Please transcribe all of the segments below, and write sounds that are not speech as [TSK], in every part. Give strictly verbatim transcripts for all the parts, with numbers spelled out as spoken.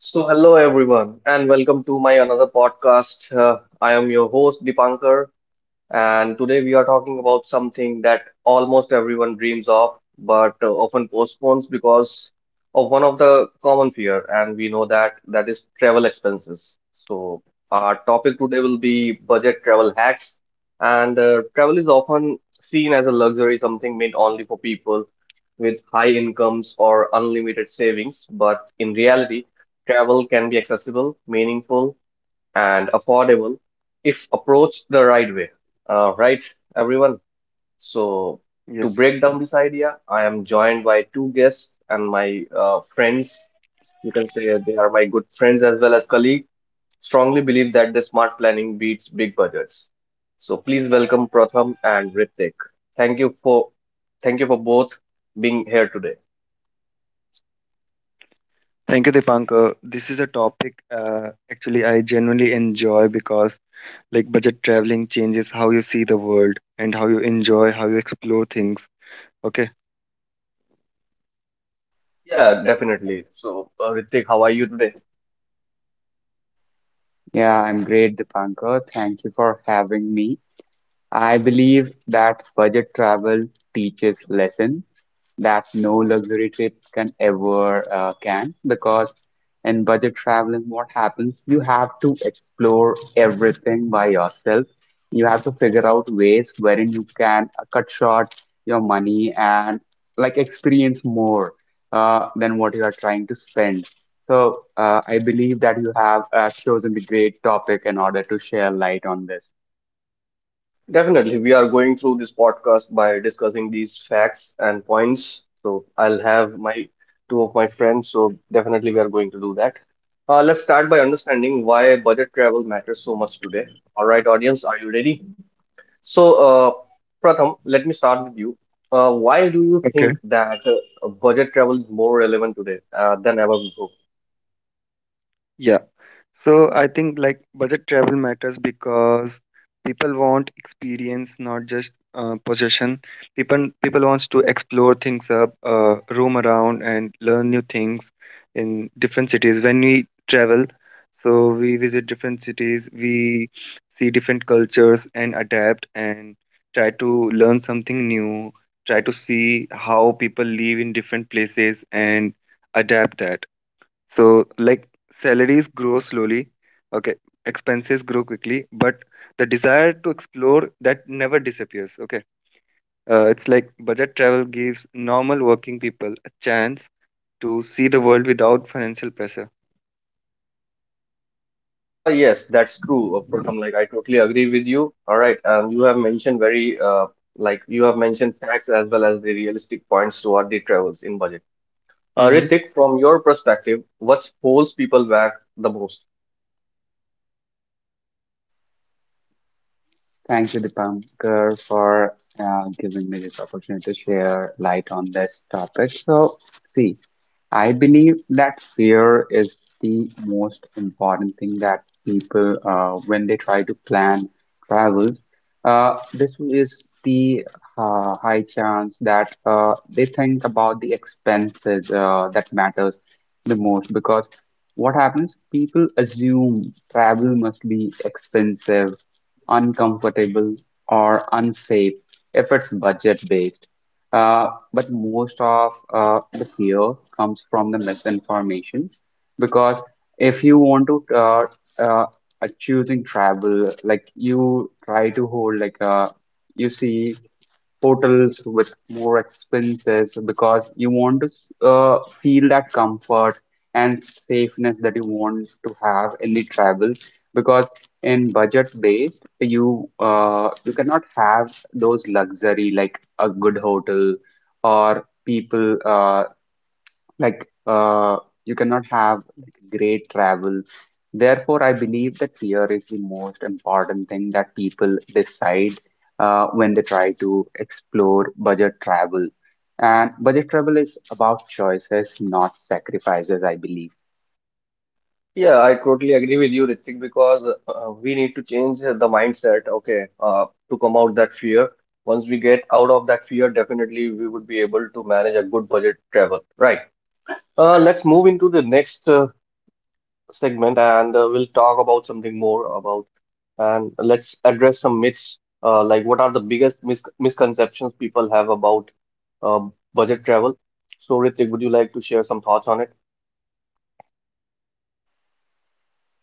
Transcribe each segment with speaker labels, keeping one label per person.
Speaker 1: So, hello everyone, and welcome to my another podcast. Uh, I am your host Dipankar, and today we are talking about something that almost everyone dreams of, but uh, often postpones because of one of the common fear, and we know that that is travel expenses. So our topic today will be budget travel hacks, and uh, travel is often seen as a luxury, something meant only for people with high incomes or unlimited savings, but in reality, travel can be accessible, meaningful, and affordable if approached the right way. Uh, right, everyone. So, to
Speaker 2: Yes.
Speaker 1: break down this idea, I am joined by two guests and my uh, friends. You can say they are my good friends as well as colleagues. Strongly believe that the smart planning beats big budgets. So, please welcome Pratham and Ritik. Thank you for Thank you for both being here today.
Speaker 2: Thank you, Dipankar. This is a topic uh, actually I genuinely enjoy because like budget traveling changes how you see the world and how you enjoy, how you explore things. Okay.
Speaker 3: Yeah,
Speaker 1: Yeah,
Speaker 3: definitely.
Speaker 1: definitely. So, uh, Ritik, how are you today?
Speaker 3: Yeah, I'm great, Dipankar. Thank you for having me. I believe that budget travel teaches lessons that no luxury trip can ever uh, can, because in budget traveling, what happens? You have to explore everything by yourself. You have to figure out ways wherein you can uh, cut short your money and like experience more uh, than what you are trying to spend. So uh, I believe that you have uh, chosen the great topic in order to share light on this.
Speaker 1: Definitely, we are going through this podcast by discussing these facts and points. So I'll have my two of my friends. So definitely, we are going to do that. Uh, let's start by understanding why budget travel matters so much today. All right, audience, are you ready? So, uh, Pratham, let me start with you. Uh, why do you think that uh, budget travel is more relevant today uh, than ever before?
Speaker 2: Yeah. So I think like budget travel matters because people want experience, not just uh, possession. People people wants to explore things up, uh, roam around, and learn new things in different cities. When we travel, so we visit different cities, we see different cultures and adapt and try to learn something new. Try to see how people live in different places and adapt that. So, like, salaries grow slowly, okay, expenses grow quickly, but the desire to explore that never disappears, okay. Uh, it's like budget travel gives normal working people a chance to see the world without financial pressure.
Speaker 1: Uh, yes, that's true, uh, Pratham. Like, I totally agree with you. All right. Um, you have mentioned very, uh, like, you have mentioned facts as well as the realistic points toward the travels in budget. Uh, Ritik, from your perspective, what holds people back the most?
Speaker 3: Thank you, Deepankar, for uh, giving me this opportunity to share light on this topic. So, see, I believe that fear is the most important thing that people, uh, when they try to plan travel, uh, this is the uh, high chance that uh, they think about the expenses uh, that matters the most. Because what happens? People assume travel must be expensive, uncomfortable, or unsafe if it's budget based. Uh, but most of uh, the fear comes from the misinformation, because if you want to uh, uh, uh, choosing travel, like you try to hold like a, you see hotels with more expenses because you want to uh, feel that comfort and safeness that you want to have in the travel. Because in budget based, you uh, you cannot have those luxury like a good hotel, or people uh, like uh, you cannot have like great travel. Therefore, I believe that fear is the most important thing that people decide uh, when they try to explore budget travel. And budget travel is about choices, not sacrifices, I believe.
Speaker 1: Yeah, I totally agree with you, Ritik, because uh, uh, we need to change uh, the mindset, okay, uh, to come out that fear. Once we get out of that fear, definitely we would be able to manage a good budget travel, right? Uh, let's move into the next uh, segment and uh, we'll talk about something more about and let's address some myths uh, like what are the biggest mis misconceptions people have about uh, budget travel. So Ritik, would you like to share some thoughts on it?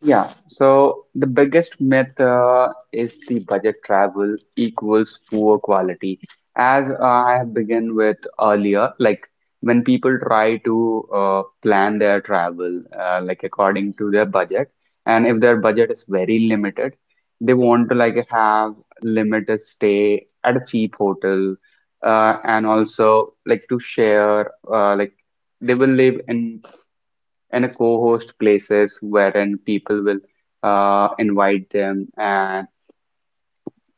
Speaker 3: Yeah, so the biggest myth uh, is the budget travel equals poor quality. As uh, I have begun with earlier, like when people try to uh, plan their travel uh, like according to their budget, and if their budget is very limited, they want to like have limited stay at a cheap hotel, uh, and also like to share uh, like they will live in and a co-host places wherein people will uh, invite them and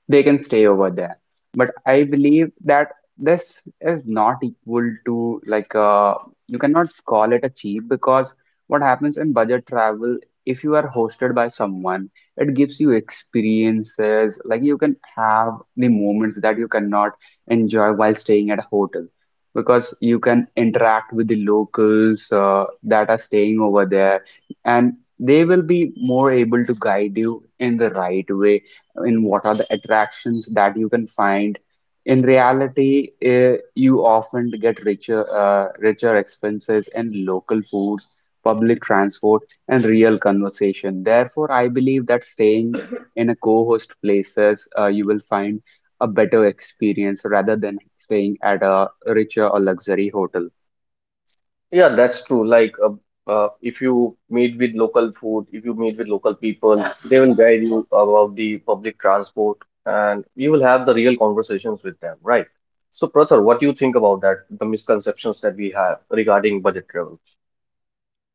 Speaker 3: they can stay over there. But I believe that this is not equal to like uh, you cannot call it a cheap, because what happens in budget travel, if you are hosted by someone, it gives you experiences like you can have the moments that you cannot enjoy while staying at a hotel. Because you can interact with the locals uh, that are staying over there, and they will be more able to guide you in the right way in what are the attractions that you can find. In reality, eh, you often get richer, uh, richer expenses in local foods, public transport, and real conversation. Therefore, I believe that staying in a co-host places, uh, you will find a better experience rather than staying at a richer or luxury hotel.
Speaker 1: Yeah, that's true. Like, uh, uh, if you meet with local food, if you meet with local people, they will guide you about the public transport and you will have the real conversations with them, right? So, Prathar, what do you think about that, the misconceptions that we have regarding budget travel?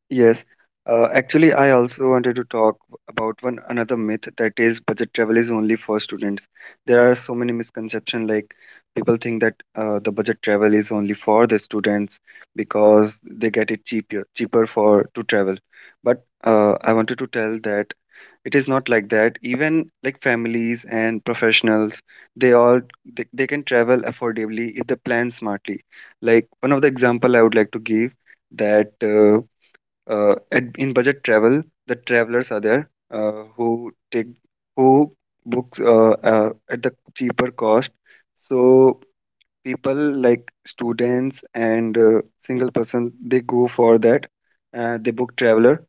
Speaker 2: Yes. Uh, actually, I also wanted to talk about one another myth, that is budget travel is only for students. There are so many misconceptions, like people think that uh, the budget travel is only for the students because they get it cheaper cheaper for to travel. But uh, I wanted to tell that it is not like that. Even like families and professionals, they all they, they can travel affordably if they plan smartly. Like one of the example I would like to give that. Uh, uh, at, in budget travel the travelers are there uh, who take who books uh, uh, at the cheaper cost, so people like students and uh, single person, they go for that. Uh, they book traveler,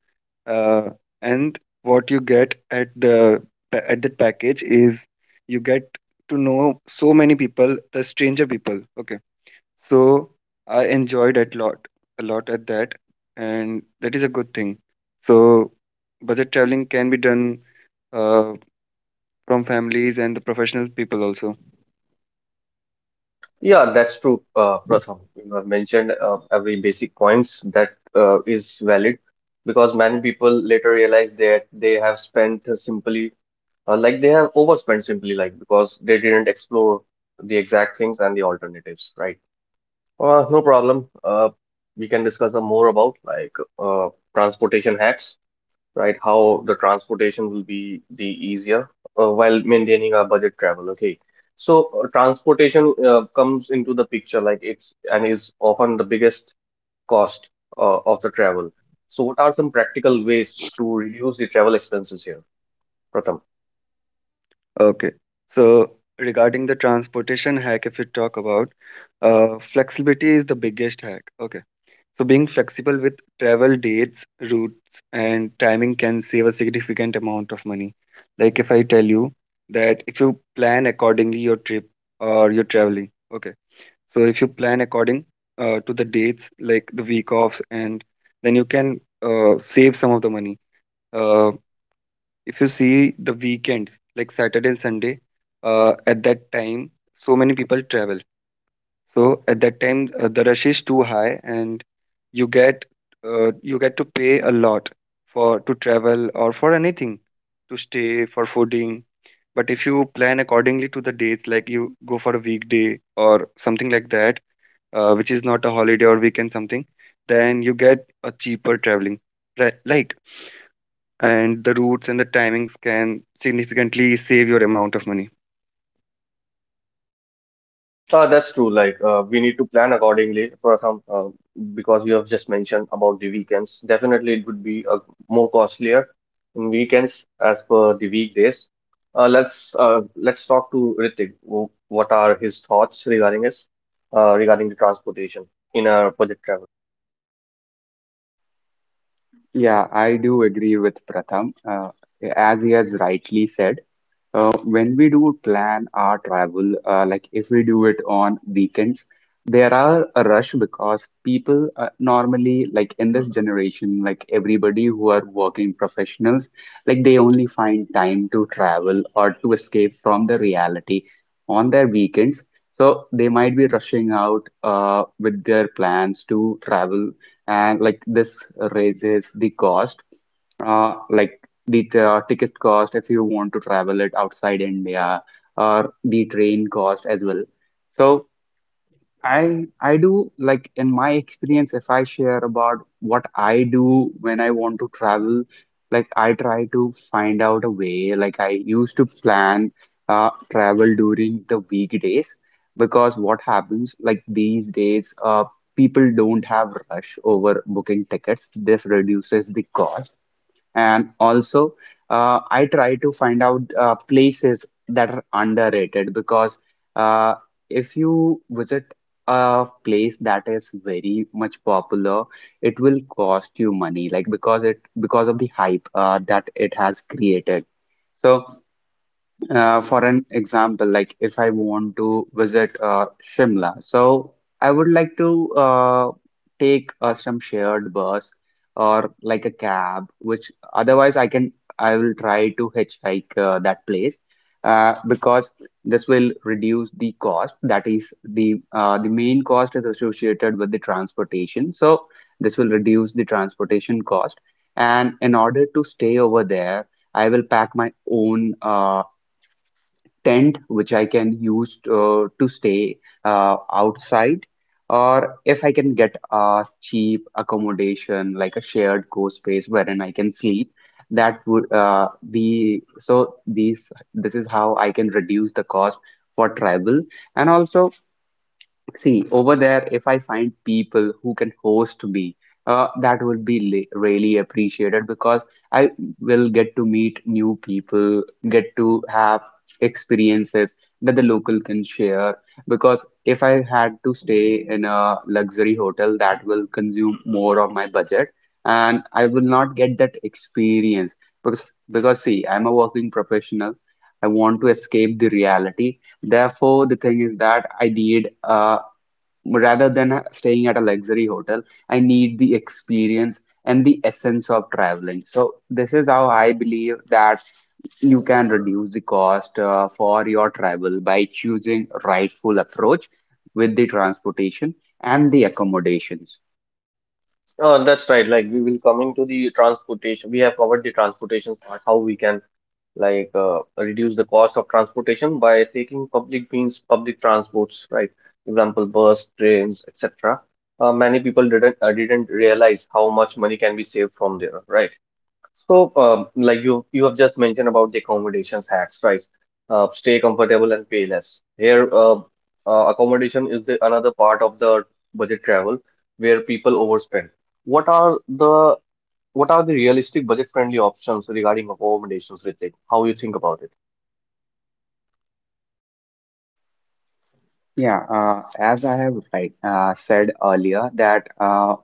Speaker 2: uh, and what you get at the pa- at that package is you get to know so many people, the stranger people, okay. So I enjoyed it a lot, a lot at that, and that is a good thing. So budget traveling can be done uh, from families and the professional people also.
Speaker 1: Yeah, that's true, uh, Pratham. You have mentioned uh, every basic points that uh, is valid because many people later realize that they have spent uh, simply uh, like they have overspent simply like because they didn't explore the exact things and the alternatives, right? Uh, no problem. Uh, we can discuss the more about like uh, transportation hacks, right? How the transportation will be the easier uh, while maintaining our budget travel. Okay, so uh, transportation uh, comes into the picture like it's and is often the biggest cost uh, of the travel. So, what are some practical ways to reduce the travel expenses here, Pratham?
Speaker 2: Okay. So regarding the transportation hack, if we talk about, uh, flexibility is the biggest hack. Okay. So being flexible with travel dates, routes, and timing can save a significant amount of money. Like if I tell you that if you plan accordingly your trip or your traveling, okay. So if you plan according uh, to the dates, like the week offs, and then you can uh, save some of the money. Uh, if you see the weekends, like Saturday and Sunday, uh, at that time, so many people travel. So at that time, uh, the rush is too high, and you get uh, you get to pay a lot for to travel or for anything, to stay for fooding. But if you plan accordingly to the dates, like you go for a weekday or something like that, uh, which is not a holiday or weekend something, then you get a cheaper traveling, right? Like, and the routes and the timings can significantly save your amount of money.
Speaker 1: Uh, that's true. Like, uh, we need to plan accordingly for some, uh, because you have just mentioned about the weekends. Definitely, it would be uh, more costlier in weekends as per the weekdays. Uh, let's uh, let's talk to Ritik. Wh- What are his thoughts regarding this, uh, regarding the transportation in our project travel?
Speaker 3: Yeah, I do agree with Pratham. Uh, as he has rightly said, Uh, when we do plan our travel, uh, like if we do it on weekends, there are a rush because people uh, normally, like in this generation, like everybody who are working professionals, like they only find time to travel or to escape from the reality on their weekends. So they might be rushing out uh, with their plans to travel, and like this raises the cost uh, like the t- uh, ticket cost if you want to travel it outside India, or the train cost as well. So I I do, like in my experience, if I share about what I do when I want to travel, like I try to find out a way. Like I used to plan uh, travel during the weekdays, because what happens like these days uh, people don't have rush over booking tickets. This reduces the cost. And also, uh, I try to find out uh, places that are underrated, because uh, if you visit a place that is very much popular, it will cost you money, like because it, because of the hype uh, that it has created. So uh, for an example, like if I want to visit uh, Shimla, so I would like to uh, take uh, some shared bus or like a cab, which otherwise I can, I will try to hitchhike uh, that place uh, because this will reduce the cost. That is the uh, the main cost is associated with the transportation, so this will reduce the transportation cost. And in order to stay over there, I will pack my own uh, tent which I can use to, to stay uh, outside, or if I can get a cheap accommodation like a shared co-space wherein I can sleep, that would uh, the so these this is how I can reduce the cost for travel. And also, see, over there, if I find people who can host me, uh, that would be li- really appreciated, because I will get to meet new people, get to have experiences that the local can share. Because if I had to stay in a luxury hotel, that will consume more of my budget, and I will not get that experience. Because, because see, I'm a working professional. I want to escape the reality. Therefore, the thing is that I need a, rather than uh, staying at a luxury hotel, I need the experience and the essence of traveling. So this is how I believe that you can reduce the cost uh, for your travel by choosing rightful approach with the transportation and the accommodations.
Speaker 1: Uh, that's right. Like, we will come into the transportation. We have covered the transportation part, how we can like uh, reduce the cost of transportation by taking public means public transports, right? Example: bus, trains, etc. Uh, many people didn't uh, didn't realize how much money can be saved from there, right? So um, like you you have just mentioned about the accommodations hacks, right? Uh, stay comfortable and pay less here. Uh, uh, accommodation is the another part of the budget travel where people overspend. What are the what are the realistic budget-friendly options regarding accommodations, Ritik? How you think about it?
Speaker 3: Yeah, uh, as I have like uh, said earlier that uh,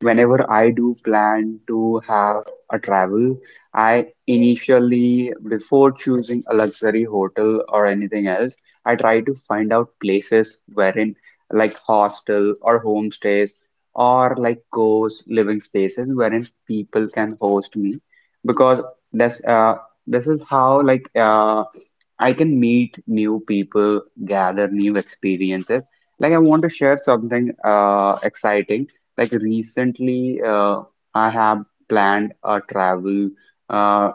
Speaker 3: whenever I do plan to have a travel, I initially, before choosing a luxury hotel or anything else, I try to find out places wherein, like hostel or homestays, or like ghost living spaces wherein people can host me, because this uh this is how like uh I can meet new people, gather new experiences. Like I want to share something uh exciting, like recently uh, I have planned a travel uh,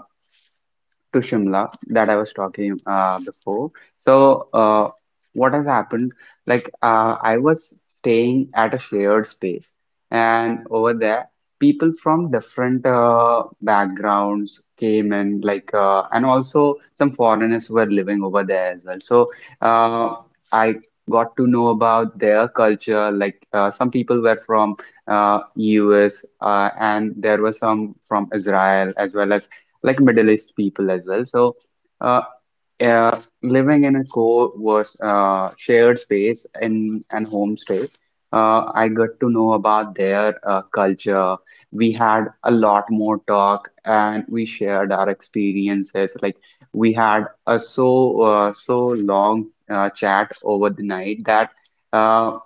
Speaker 3: to Shimla that I was talking uh, before. So, uh, what has happened? Like, uh, I was staying at a shared space, and over there, people from different uh, backgrounds came in, like, uh, and also some foreigners were living over there as well. So, uh, I got to know about their culture. Like, uh, some people were from uh, U S, uh, and there were some from Israel, as well as like Middle East people as well. So, uh, uh, living in a co-worse uh, shared space in an homestay, uh, I got to know about their uh, culture. We had a lot more talk, and we shared our experiences. Like we had a so uh, so long uh, chat over the night that. Uh,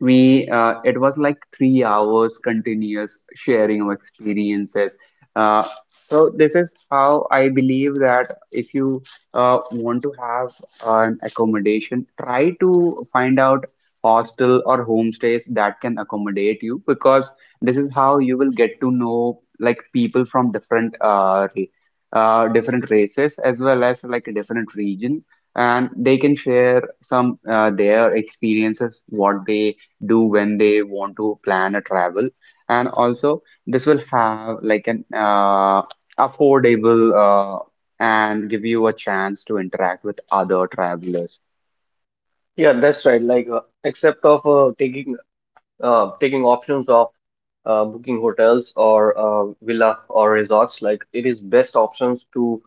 Speaker 3: we uh, it was like three hours continuous sharing of experiences, uh, so this is how I believe that if you uh, want to have an accommodation, try to find out hostel or homestays that can accommodate you, because this is how you will get to know like people from different uh, ra- uh, different races as well as like a different region, and they can share some uh, their experiences, what they do when they want to plan a travel. And also this will have like an uh, affordable uh, and give you a chance to interact with other travelers.
Speaker 1: Yeah, that's right. Like, uh, except of uh, taking uh, taking options of uh, booking hotels or uh, villa or resorts, like it is best options to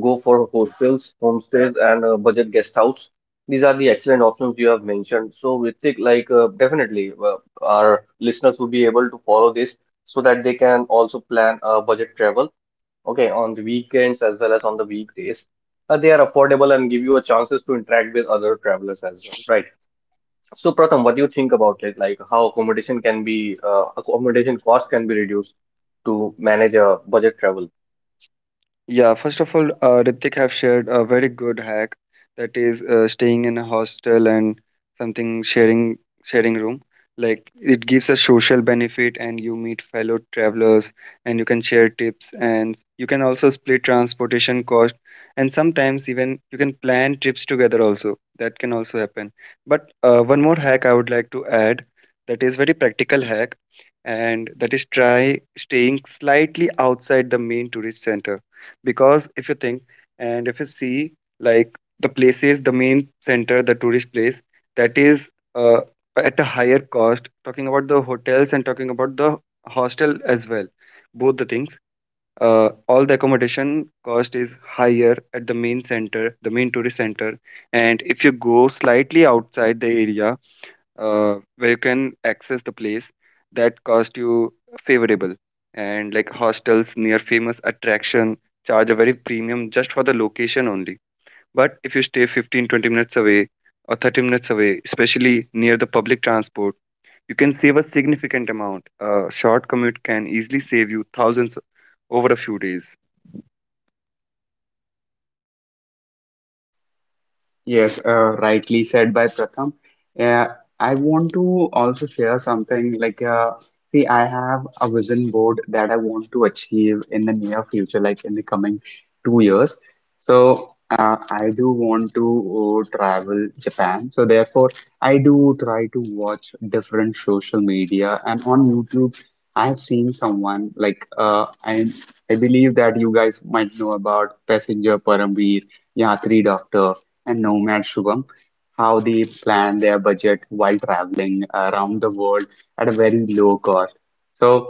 Speaker 1: go for hostels, homestays, and uh, budget guest house. These are the excellent options you have mentioned. So, Ritik, like, uh, definitely uh, our listeners will be able to follow this so that they can also plan a budget travel. Okay, on the weekends as well as on the weekdays. Uh, they are affordable and give you a chances to interact with other travelers as well, right? So, Pratham, what do you think about it? Like how accommodation can be, uh, accommodation cost can be reduced to manage a budget travel.
Speaker 2: Yeah, first of all, uh, Ritik have shared a very good hack, that is uh, staying in a hostel and something, sharing sharing room. Like it gives a social benefit and you meet fellow travelers and you can share tips and you can also split transportation cost, and sometimes even you can plan trips together also. That can also happen. But uh, one more hack I would like to add, that is very practical hack, and that is try staying slightly outside the main tourist center. Because if you think and if you see, like, the places, the main center, the tourist place, that is uh, at a higher cost, talking about the hotels and talking about the hostel as well, both the things, uh, all the accommodation cost is higher at the main center, the main tourist center. And if you go slightly outside the area uh, where you can access the place, that cost you favorable. And like hostels near famous attraction charge a very premium just for the location only, but if you stay fifteen twenty minutes away or thirty minutes away, especially near the public transport, you can save a significant amount. A short commute can easily save you thousands over a few days.
Speaker 3: Yes, uh, rightly said by Pratham. Uh, I want to also share something like, uh, see, I have a vision board that I want to achieve in the near future, like in the coming two years. So, uh, I do want to uh, travel Japan. So, therefore, I do try to watch different social media and on YouTube. I have seen someone like uh, I I believe that you guys might know about Passenger Paramveer, Yatri Doctor, and Nomad Shubham, how they plan their budget while traveling around the world at a very low cost. So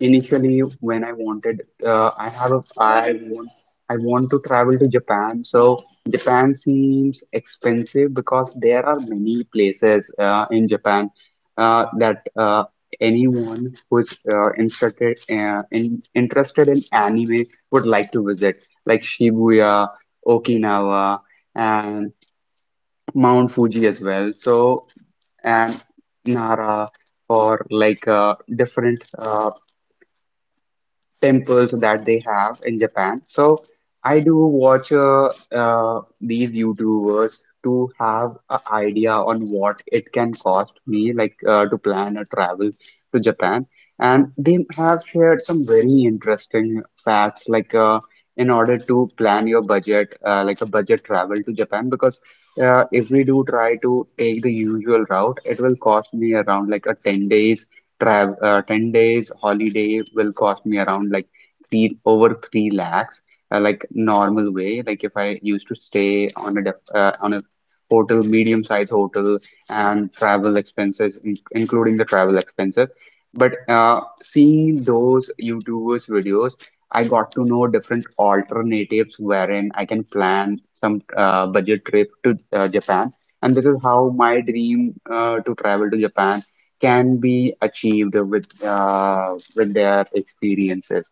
Speaker 3: initially, when I wanted, uh, I have a, I want, I want to travel to Japan. So Japan seems expensive, because there are many places uh, in Japan uh, that uh, anyone who's uh, interested uh, in interested in anime would like to visit, like Shibuya, Okinawa, and Mount Fuji as well. So, and Nara for like uh, different uh, temples that they have in Japan. So I do watch uh, uh, these YouTubers to have an idea on what it can cost me, like uh, to plan a travel to Japan. And they have shared some very interesting facts, like uh, in order to plan your budget, uh, like a budget travel to Japan, because uh, if we do try to take the usual route, it will cost me around like a ten days travel uh, ten days holiday will cost me around like three over three lakhs, uh, like normal way, like if I used to stay on a def uh, on a hotel, medium size hotel, and travel expenses in including the travel expenses but uh, Seeing those YouTubers videos, I got to know different alternatives wherein I can plan some uh, budget trip to uh, Japan, and this is how my dream uh, to travel to Japan can be achieved with uh, with their experiences.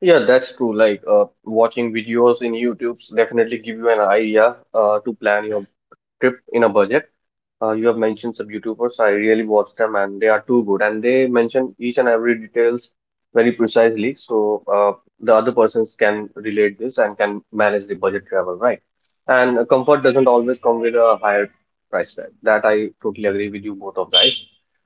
Speaker 1: Yeah, that's true. Like uh, watching videos in YouTube's definitely give you an idea uh, to plan your trip in a budget. Uh, you have mentioned some YouTubers. I really watch them, and they are too good. And they mention each and every details very precisely, so uh, the other persons can relate this and can manage the budget travel, right? And uh, comfort doesn't always come with a higher price tag. That I totally agree with you both of guys.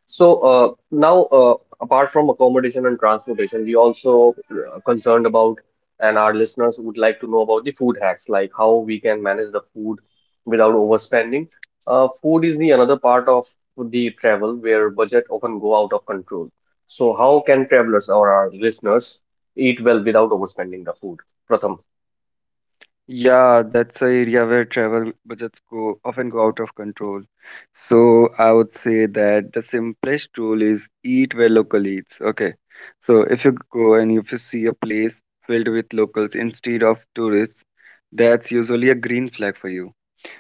Speaker 1: So uh, now, uh, apart from accommodation and transportation, we also uh, concerned about, and our listeners would like to know about the food hacks, like how we can manage the food without overspending. Uh, food is the another part of the travel where budget often go out of control. So how can travelers or our listeners eat well without overspending the food? Pratham.
Speaker 2: Yeah, that's the area where travel budgets go often go out of control. So I would say that the simplest rule is eat where local eats. Okay. So if you go and if you see a place filled with locals instead of tourists, that's usually a green flag for you.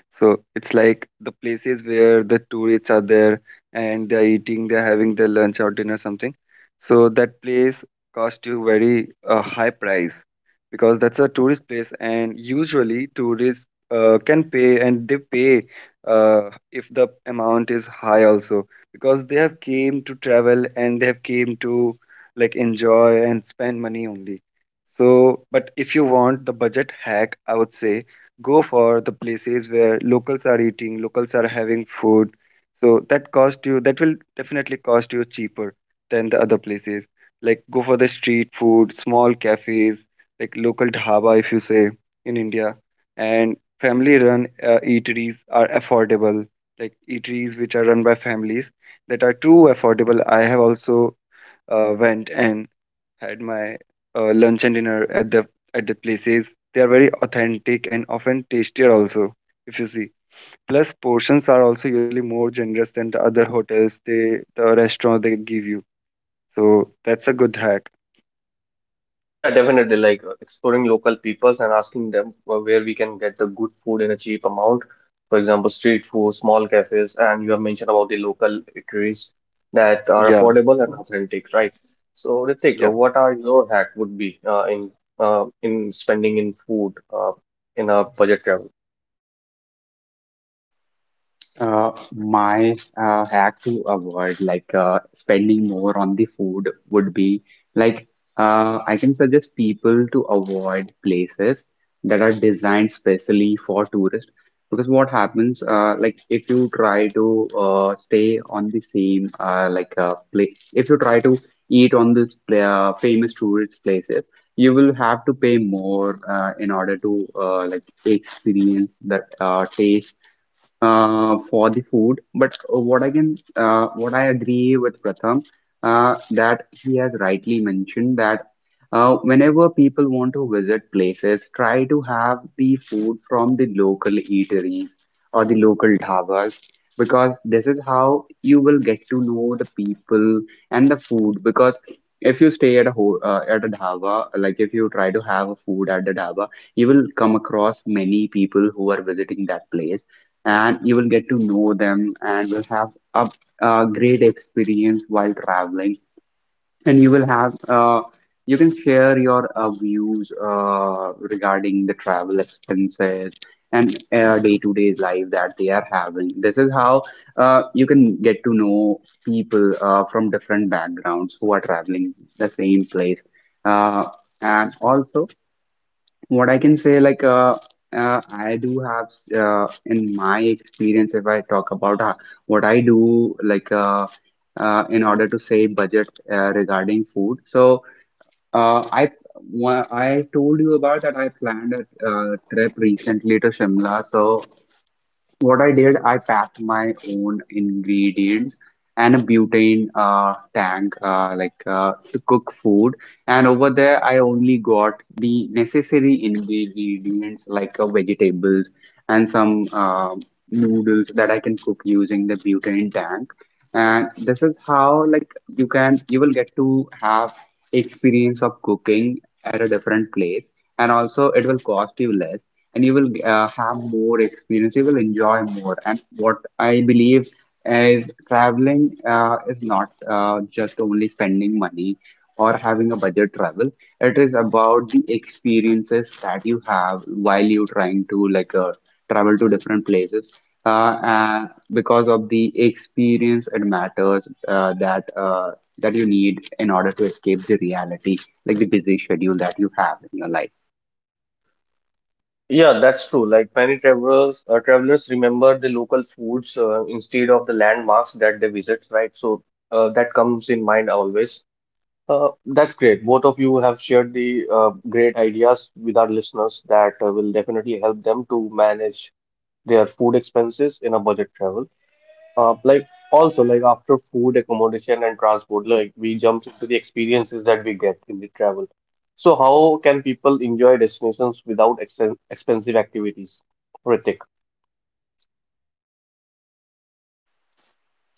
Speaker 2: So it's like the places where the tourists are there and they're eating, they're having their lunch or dinner, something. So that place cost you very uh, high price, because that's a tourist place, and usually tourists uh, can pay and they pay uh, if the amount is high also, because they have came to travel and they have came to like enjoy and spend money only. So, but if you want the budget hack, I would say go for the places where locals are eating, locals are having food. So that cost you, that will definitely cost you cheaper than the other places. Like go for the street food, small cafes, like local dhaba if you say, in India, and family run uh, eateries are affordable. Like eateries which are run by families, that are too affordable. I have also uh, went and had my uh, lunch and dinner at the at the places. They are very authentic and often tastier also, if you see. Plus, portions are also usually more generous than the other hotels, they, the restaurant they give you. So that's a good hack.
Speaker 1: Yeah, definitely. Like uh, exploring local peoples and asking them uh, where we can get the good food in a cheap amount. For example, street food, small cafes, and you have mentioned about the local eateries that are
Speaker 2: Yeah.
Speaker 1: affordable and authentic, right? So, Ritik, uh,
Speaker 2: Yeah.
Speaker 1: what are your hack would be uh, in uh, in spending in food uh, in a budget travel?
Speaker 3: Uh, my uh, hack to avoid like uh, spending more on the food would be like uh, I can suggest people to avoid places that are designed specially for tourists, because what happens, uh, like if you try to uh, stay on the same uh, like uh, place, if you try to eat on this pla uh, famous tourist places, you will have to pay more uh, in order to uh, like experience that uh, taste uh, for the food. But uh, what I can, uh, what I agree with Pratham, uh, that he has rightly mentioned that uh, whenever people want to visit places, try to have the food from the local eateries or the local dhabas, because this is how you will get to know the people and the food. Because if you stay at a ho uh, at a dhaba, like if you try to have a food at the dhaba, you will come across many people who are visiting that place and you will get to know them and will have a, a great experience while traveling, and you will have uh, you can share your uh, views uh, regarding the travel expenses and uh, day-to-day life that they are having. This is how uh, you can get to know people uh, from different backgrounds who are traveling the same place uh, and also, what I can say, like, uh, uh, I do have, uh, in my experience, if I talk about uh, what I do, like, uh, uh, in order to save budget uh, regarding food. So, uh, I, wha- I told you about that I planned a uh, trip recently to Shimla. So, what I did, I packed my own ingredients and a butane uh, tank, uh, like uh, to cook food. And over there, I only got the necessary ingredients, like uh, vegetables and some uh, noodles that I can cook using the butane tank. And this is how like you can you will get to have experience of cooking at a different place, and also it will cost you less, and you will uh, have more experience, you will enjoy more. And what I believe is traveling uh, is not uh, just only spending money or having a budget travel. It is about the experiences that you have while you trying to like uh, travel to different places, uh, uh, because of the experience. It matters uh, that uh, that you need in order to escape the reality, like the busy schedule that you have in your life.
Speaker 1: Yeah, that's true. Like many travelers, uh, travelers remember the local foods uh, instead of the landmarks that they visit, right? So uh, that comes in mind always. Uh, that's great. Both of you have shared the uh, great ideas with our listeners that uh, will definitely help them to manage their food expenses in a budget travel. Uh, like also like after food, accommodation, and transport, like we jump into the experiences that we get in the travel. So how can people enjoy destinations without ex expensive activities? Ritik.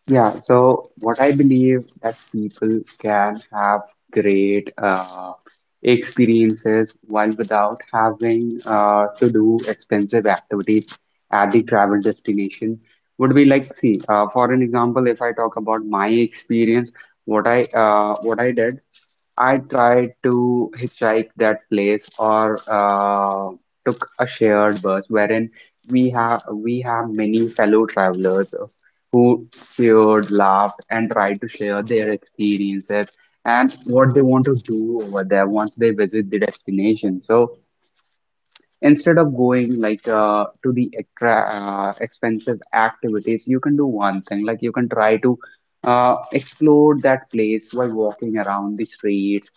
Speaker 3: Yeah, so what I believe, that people can have great uh, experiences while without having uh, to do expensive activities at the travel destination, would be like, see, uh, for an example, if I talk about my experience, what I uh, what I did, I tried to hitchhike that place, or uh, took a shared bus, wherein we have we have many fellow travelers who cheered, laughed, and tried to share their experiences and what they want to do over there once they visit the destination. So instead of going like uh, to the extra uh, expensive activities, you can do one thing, like you can try to uh, explore that place while walking around the streets,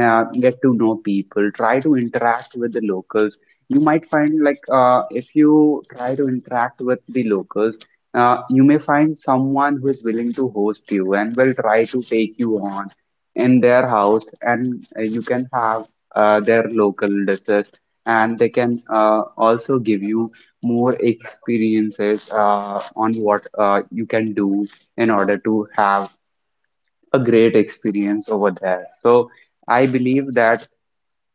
Speaker 3: uh, get to know people, try to interact with the locals. You might find, like uh, if you try to interact with the locals, uh, you may find someone who is willing to host you and will try to take you on in their house, and uh, you can have uh, their local dishes, and they can uh, also give you more experiences uh, on what uh, you can do in order to have a great experience over there. So I believe that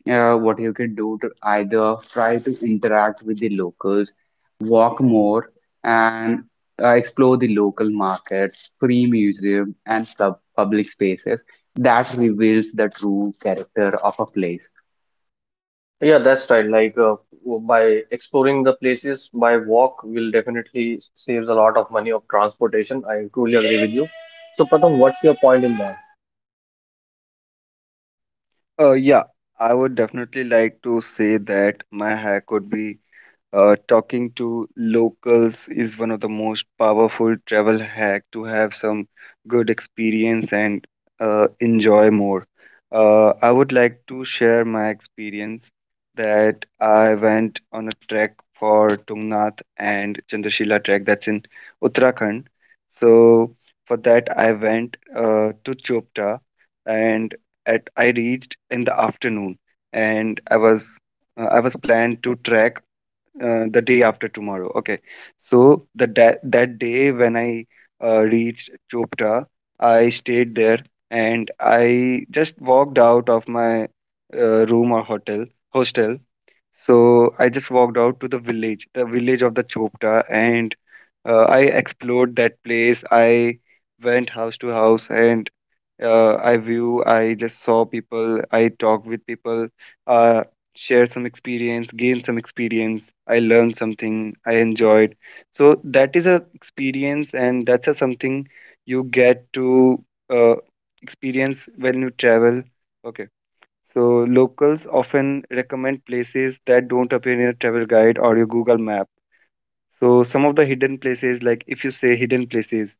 Speaker 3: uh, what you can do to either try to interact with the locals, walk more, and uh, explore the local markets, free museum, and sub public spaces. That reveals the true character of a place.
Speaker 1: Yeah, that's right. Like uh, w- by exploring the places by walk will definitely s- saves a lot of money of transportation. I truly agree with you. So Pratham, what's your point in that?
Speaker 2: Uh, yeah. I would definitely like to say that my hack would be, Uh, talking to locals is one of the most powerful travel hack to have some good experience and uh, enjoy more. Uh, I would like to share my experience, that I went on a trek for Tungnath and Chandrashila trek, that's in Uttarakhand. So for that I went uh, to Chopta, and at I reached in the afternoon, and I was uh, I was planned to trek uh, the day after tomorrow. Okay, so the that that day when I uh, reached Chopra, I stayed there and I just walked out of my uh, room or hotel hostel. So I just walked out to the village, the village of the Chopra, and uh, I explored that place. I went house to house and uh, I view, I just saw people, I talk with people, uh, share some experience, gain some experience, I learned something, I enjoyed. So that is a experience, and that's a something you get to uh, experience when you travel. Okay. So locals often recommend places that don't appear in a travel guide or your Google map. So some of the hidden places, like if you say hidden places,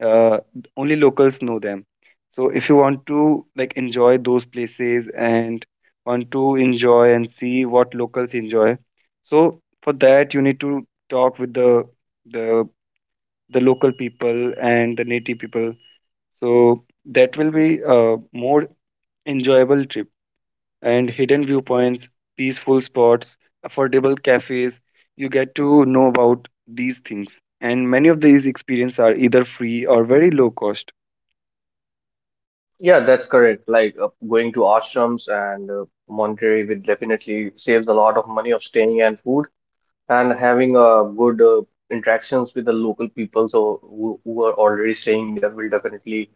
Speaker 2: uh, only locals know them. So if you want to like enjoy those places and want to enjoy and see what locals enjoy, so for that you need to talk with the the the local people and the native people. So that will be a more enjoyable trip, and hidden viewpoints, peaceful spots, affordable cafes. You get to know about these things, and many of these experiences are either free or very low cost.
Speaker 1: Yeah, that's correct. Like uh, going to ashrams and uh, monastery will definitely saves a lot of money of staying and food and having uh, good uh, interactions with the local people. So who, who are already staying there will definitely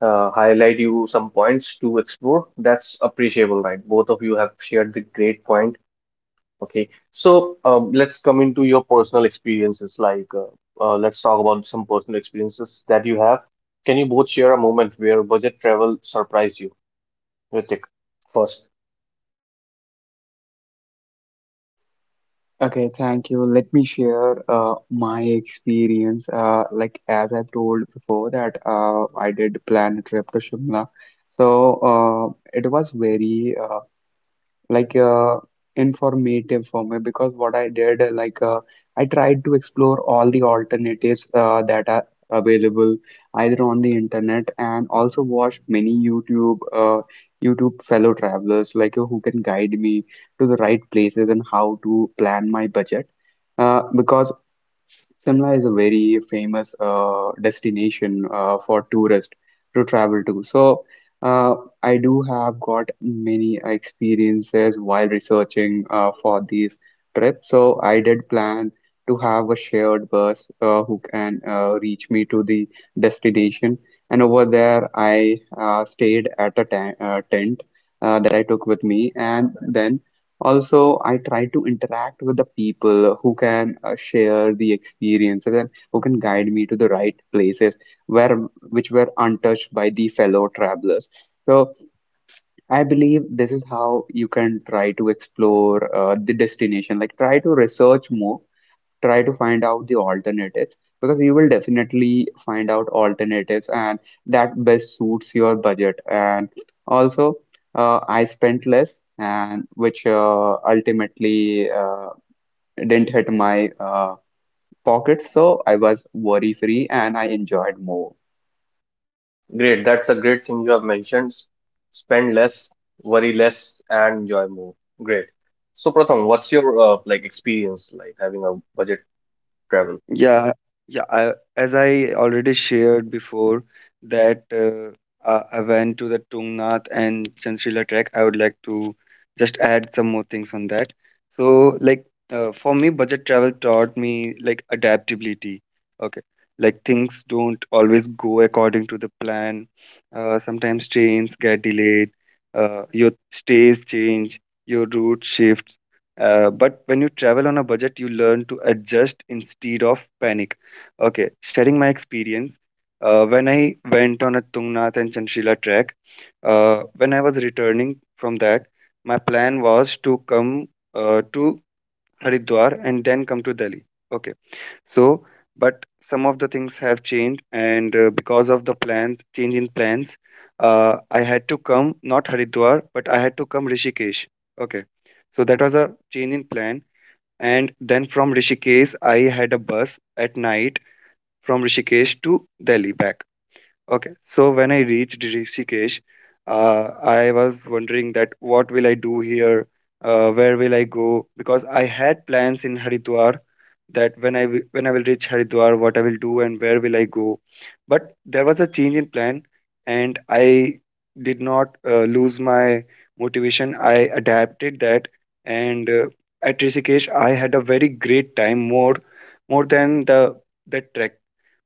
Speaker 1: uh, highlight you some points to explore. That's appreciable, right? Both of you have shared the great point. Okay, so um, let's come into your personal experiences. Like, uh, uh, let's talk about some personal experiences that you have. Can you both share a moment where budget travel surprised you? Ritik, first.
Speaker 3: Okay, thank you. Let me share uh, my experience. Uh, like as I've told before that uh, I did plan a trip to Shimla. So uh, it was very uh, like uh, informative for me, because what I did, uh, like uh, I tried to explore all the alternatives uh, that are available either on the internet, and also watched many YouTube uh, YouTube fellow travelers, like uh, who can guide me to the right places and how to plan my budget. Uh, because Shimla is a very famous uh, destination uh, for tourists to travel to. So uh, I do have got many experiences while researching uh, for these trips. So I did plan to have a shared bus uh, who can uh, reach me to the destination. And over there, I uh, stayed at a ta- uh, tent uh, that I took with me, and then also, I try to interact with the people who can uh, share the experiences and who can guide me to the right places where which were untouched by the fellow travelers. So I believe this is how you can try to explore uh, the destination. Like try to research more, try to find out the alternatives, because you will definitely find out alternatives and that best suits your budget. And also, uh, I spent less, and which uh, ultimately uh, didn't hit my uh, pockets, so I was worry free and I enjoyed more.
Speaker 1: Great, that's a great thing you have mentioned. S- Spend less, worry less, and enjoy more. Great. So, Pratham, what's your uh, like experience like having a budget travel?
Speaker 2: Yeah, yeah. I, as I already shared before, that uh, uh, I went to the Tungnath and Chantrila trek. I would like to just add some more things on that. So, like uh, for me, budget travel taught me like adaptability. Okay, like things don't always go according to the plan. Uh, sometimes trains get delayed. Uh, your stays change. Your route shifts uh, but when you travel on a budget, you learn to adjust instead of panic. Okay, sharing my experience. Uh, when I went on a Tungnath and Chanshila trek, uh, when I was returning from that, my plan was to come uh, to Haridwar and then come to Delhi. Okay so, but some of the things have changed, and uh, because of the plans, change in plans, uh, I had to come not Haridwar, but I had to come Rishikesh. Okay, so that was a change in plan, and then from Rishikesh, I had a bus at night from Rishikesh to Delhi back. Okay, so when I reached Rishikesh, uh, I was wondering that what will I do here? Uh, where will I go? Because I had plans in Haridwar that when I wi- when I will reach Haridwar, what I will do and where will I go. But there was a change in plan, and I did not uh, lose my motivation. I adapted that, and uh, at Rishikesh, I had a very great time, more more than the the trek,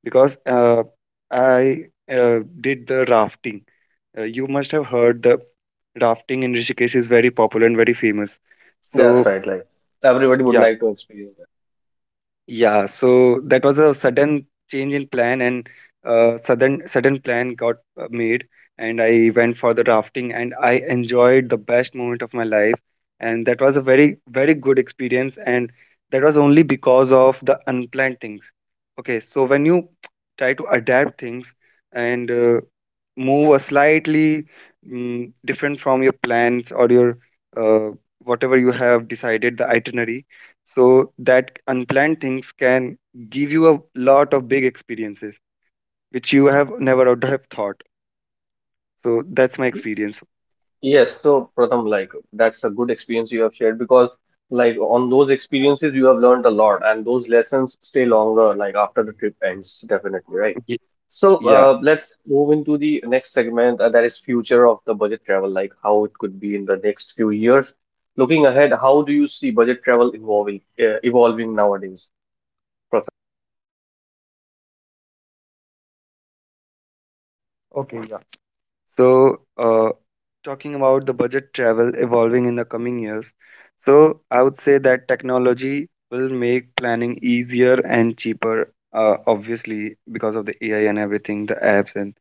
Speaker 2: because uh, I uh, did the rafting. Uh, you must have heard the rafting in Rishikesh is very popular and very famous.
Speaker 1: That's
Speaker 2: So
Speaker 1: right. Like everybody would
Speaker 2: yeah,
Speaker 1: like to experience that.
Speaker 2: yeah, so that was a sudden change in plan, and uh, sudden sudden plan got uh, made, and I went for the rafting, and I enjoyed the best moment of my life, and that was a very very good experience, and that was only because of the unplanned things. Okay, so when you [TSK] try to adapt things and uh, move a slightly mm different from your plans or your uh, whatever you have decided the itinerary so that unplanned things can give you a lot of big experiences which you have never would have thought. So that's my experience.
Speaker 1: Yes, so Pratham, like that's a good experience you have shared because like on those experiences you have learned a lot and those lessons stay longer like after the trip ends definitely, right?
Speaker 2: Ye-
Speaker 1: So
Speaker 2: Yeah.
Speaker 1: uh, let's move into the next segment uh, that is future of the budget travel, like how it could be in the next few years. Looking ahead, how do you see budget travel evolving uh, evolving nowadays?
Speaker 2: Okay, yeah. So, uh, talking about the budget travel evolving in the coming years, so I would say that technology will make planning easier and cheaper, uh, obviously, because of the A I and everything, the apps and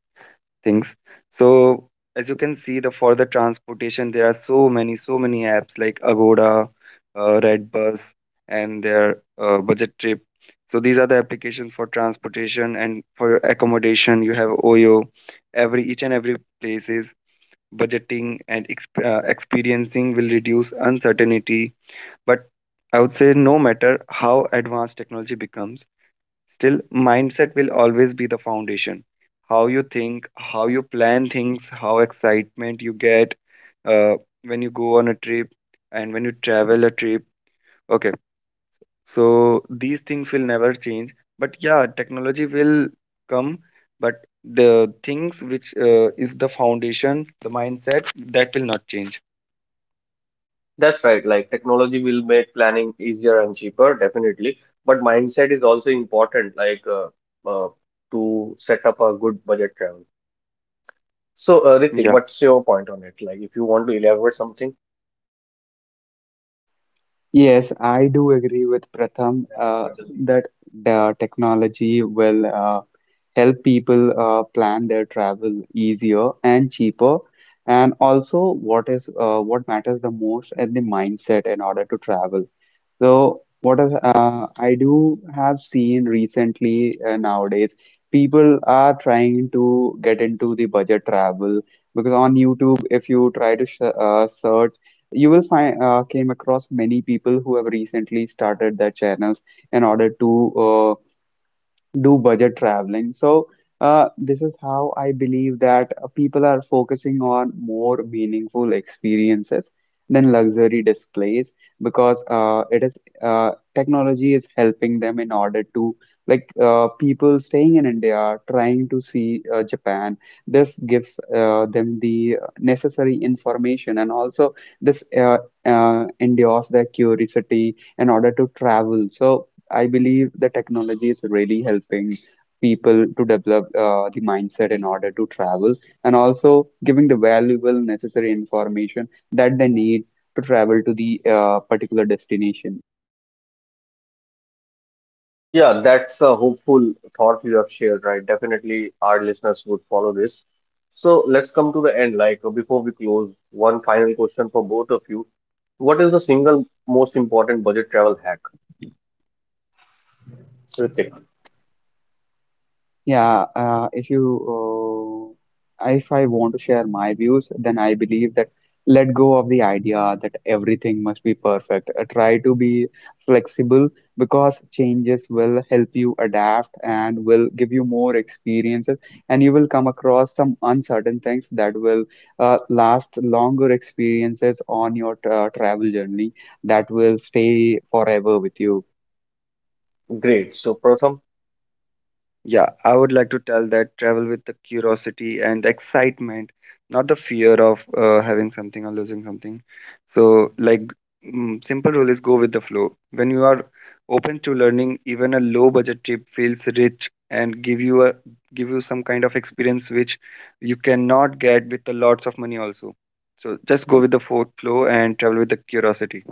Speaker 2: things. So as you can see, the for the transportation, there are so many, so many apps like Agoda, uh, Redbus, and their uh, budget trip. So these are the applications for transportation, and for accommodation you have Oyo. Every each and every places, budgeting and exp- uh, experiencing will reduce uncertainty. But I would say, no matter how advanced technology becomes, still, mindset will always be the foundation. How you think, how you plan things, how excitement you get uh, when you go on a trip and when you travel a trip. Okay, so these things will never change. But yeah, technology will come, but the things which uh, is the foundation, the mindset, that will not change.
Speaker 1: That's right. Like technology will make planning easier and cheaper, definitely. But mindset is also important, like uh, uh, to set up a good budget travel. So, uh, Ritik,
Speaker 2: Yeah.
Speaker 1: what's your point on it? Like, if you want to elaborate something,
Speaker 3: Yes, I do agree with Pratham uh, that the technology will uh, help people uh, plan their travel easier and cheaper. And also, what is uh, what matters the most is the mindset in order to travel. So what is, uh, I do have seen recently uh, nowadays, people are trying to get into the budget travel, because on YouTube, if you try to sh uh, search, you will find uh, came across many people who have recently started their channels in order to uh, do budget traveling. So, uh, this is how I believe that uh, people are focusing on more meaningful experiences than luxury displays, because uh, it is uh, technology is helping them in order to like uh, people staying in India are trying to see uh, Japan. This gives uh, them the necessary information, and also this uh, uh, endures their curiosity in order to travel. So. I believe the technology is really helping people to develop uh, the mindset in order to travel, and also giving the valuable necessary information that they need to travel to the uh, particular destination.
Speaker 1: yeah, that's a hopeful thought you have shared, right? Definitely, our listeners would follow this. So, let's come to the end. Like, uh, before we close, one final question for both of you. What is the single most important budget travel hack? Ritik,
Speaker 3: Yeah, uh, if you, uh, if I want to share my views, then I believe that let go of the idea that everything must be perfect. Uh, try to be flexible, because changes will help you adapt and will give you more experiences, and you will come across some uncertain things that will uh, last longer experiences on your tra travel journey that will stay forever with you.
Speaker 1: great. So, Pratham.
Speaker 2: Yeah, I would like to tell that travel with the curiosity and the excitement, not the fear of uh, having something or losing something. So, like, mm, simple rule is go with the flow. When you are open to learning, even a low budget trip feels rich and give you a give you some kind of experience which you cannot get with the lots of money also. So just go with the fo- flow and travel with the curiosity.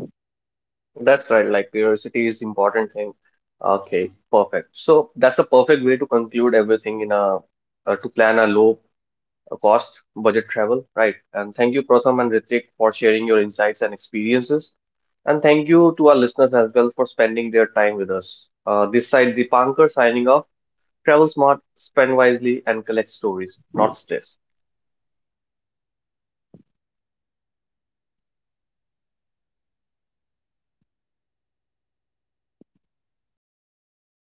Speaker 1: That's right, like curiosity is important thing. Okay, perfect. So that's the perfect way to conclude everything in a uh, to plan a low uh, cost budget travel, right? And thank you, Pratham and Ritik, for sharing your insights and experiences. And thank you to our listeners as well for spending their time with us. Uh, this side, Dipankar signing off. Travel smart, spend wisely, and collect stories, not stress.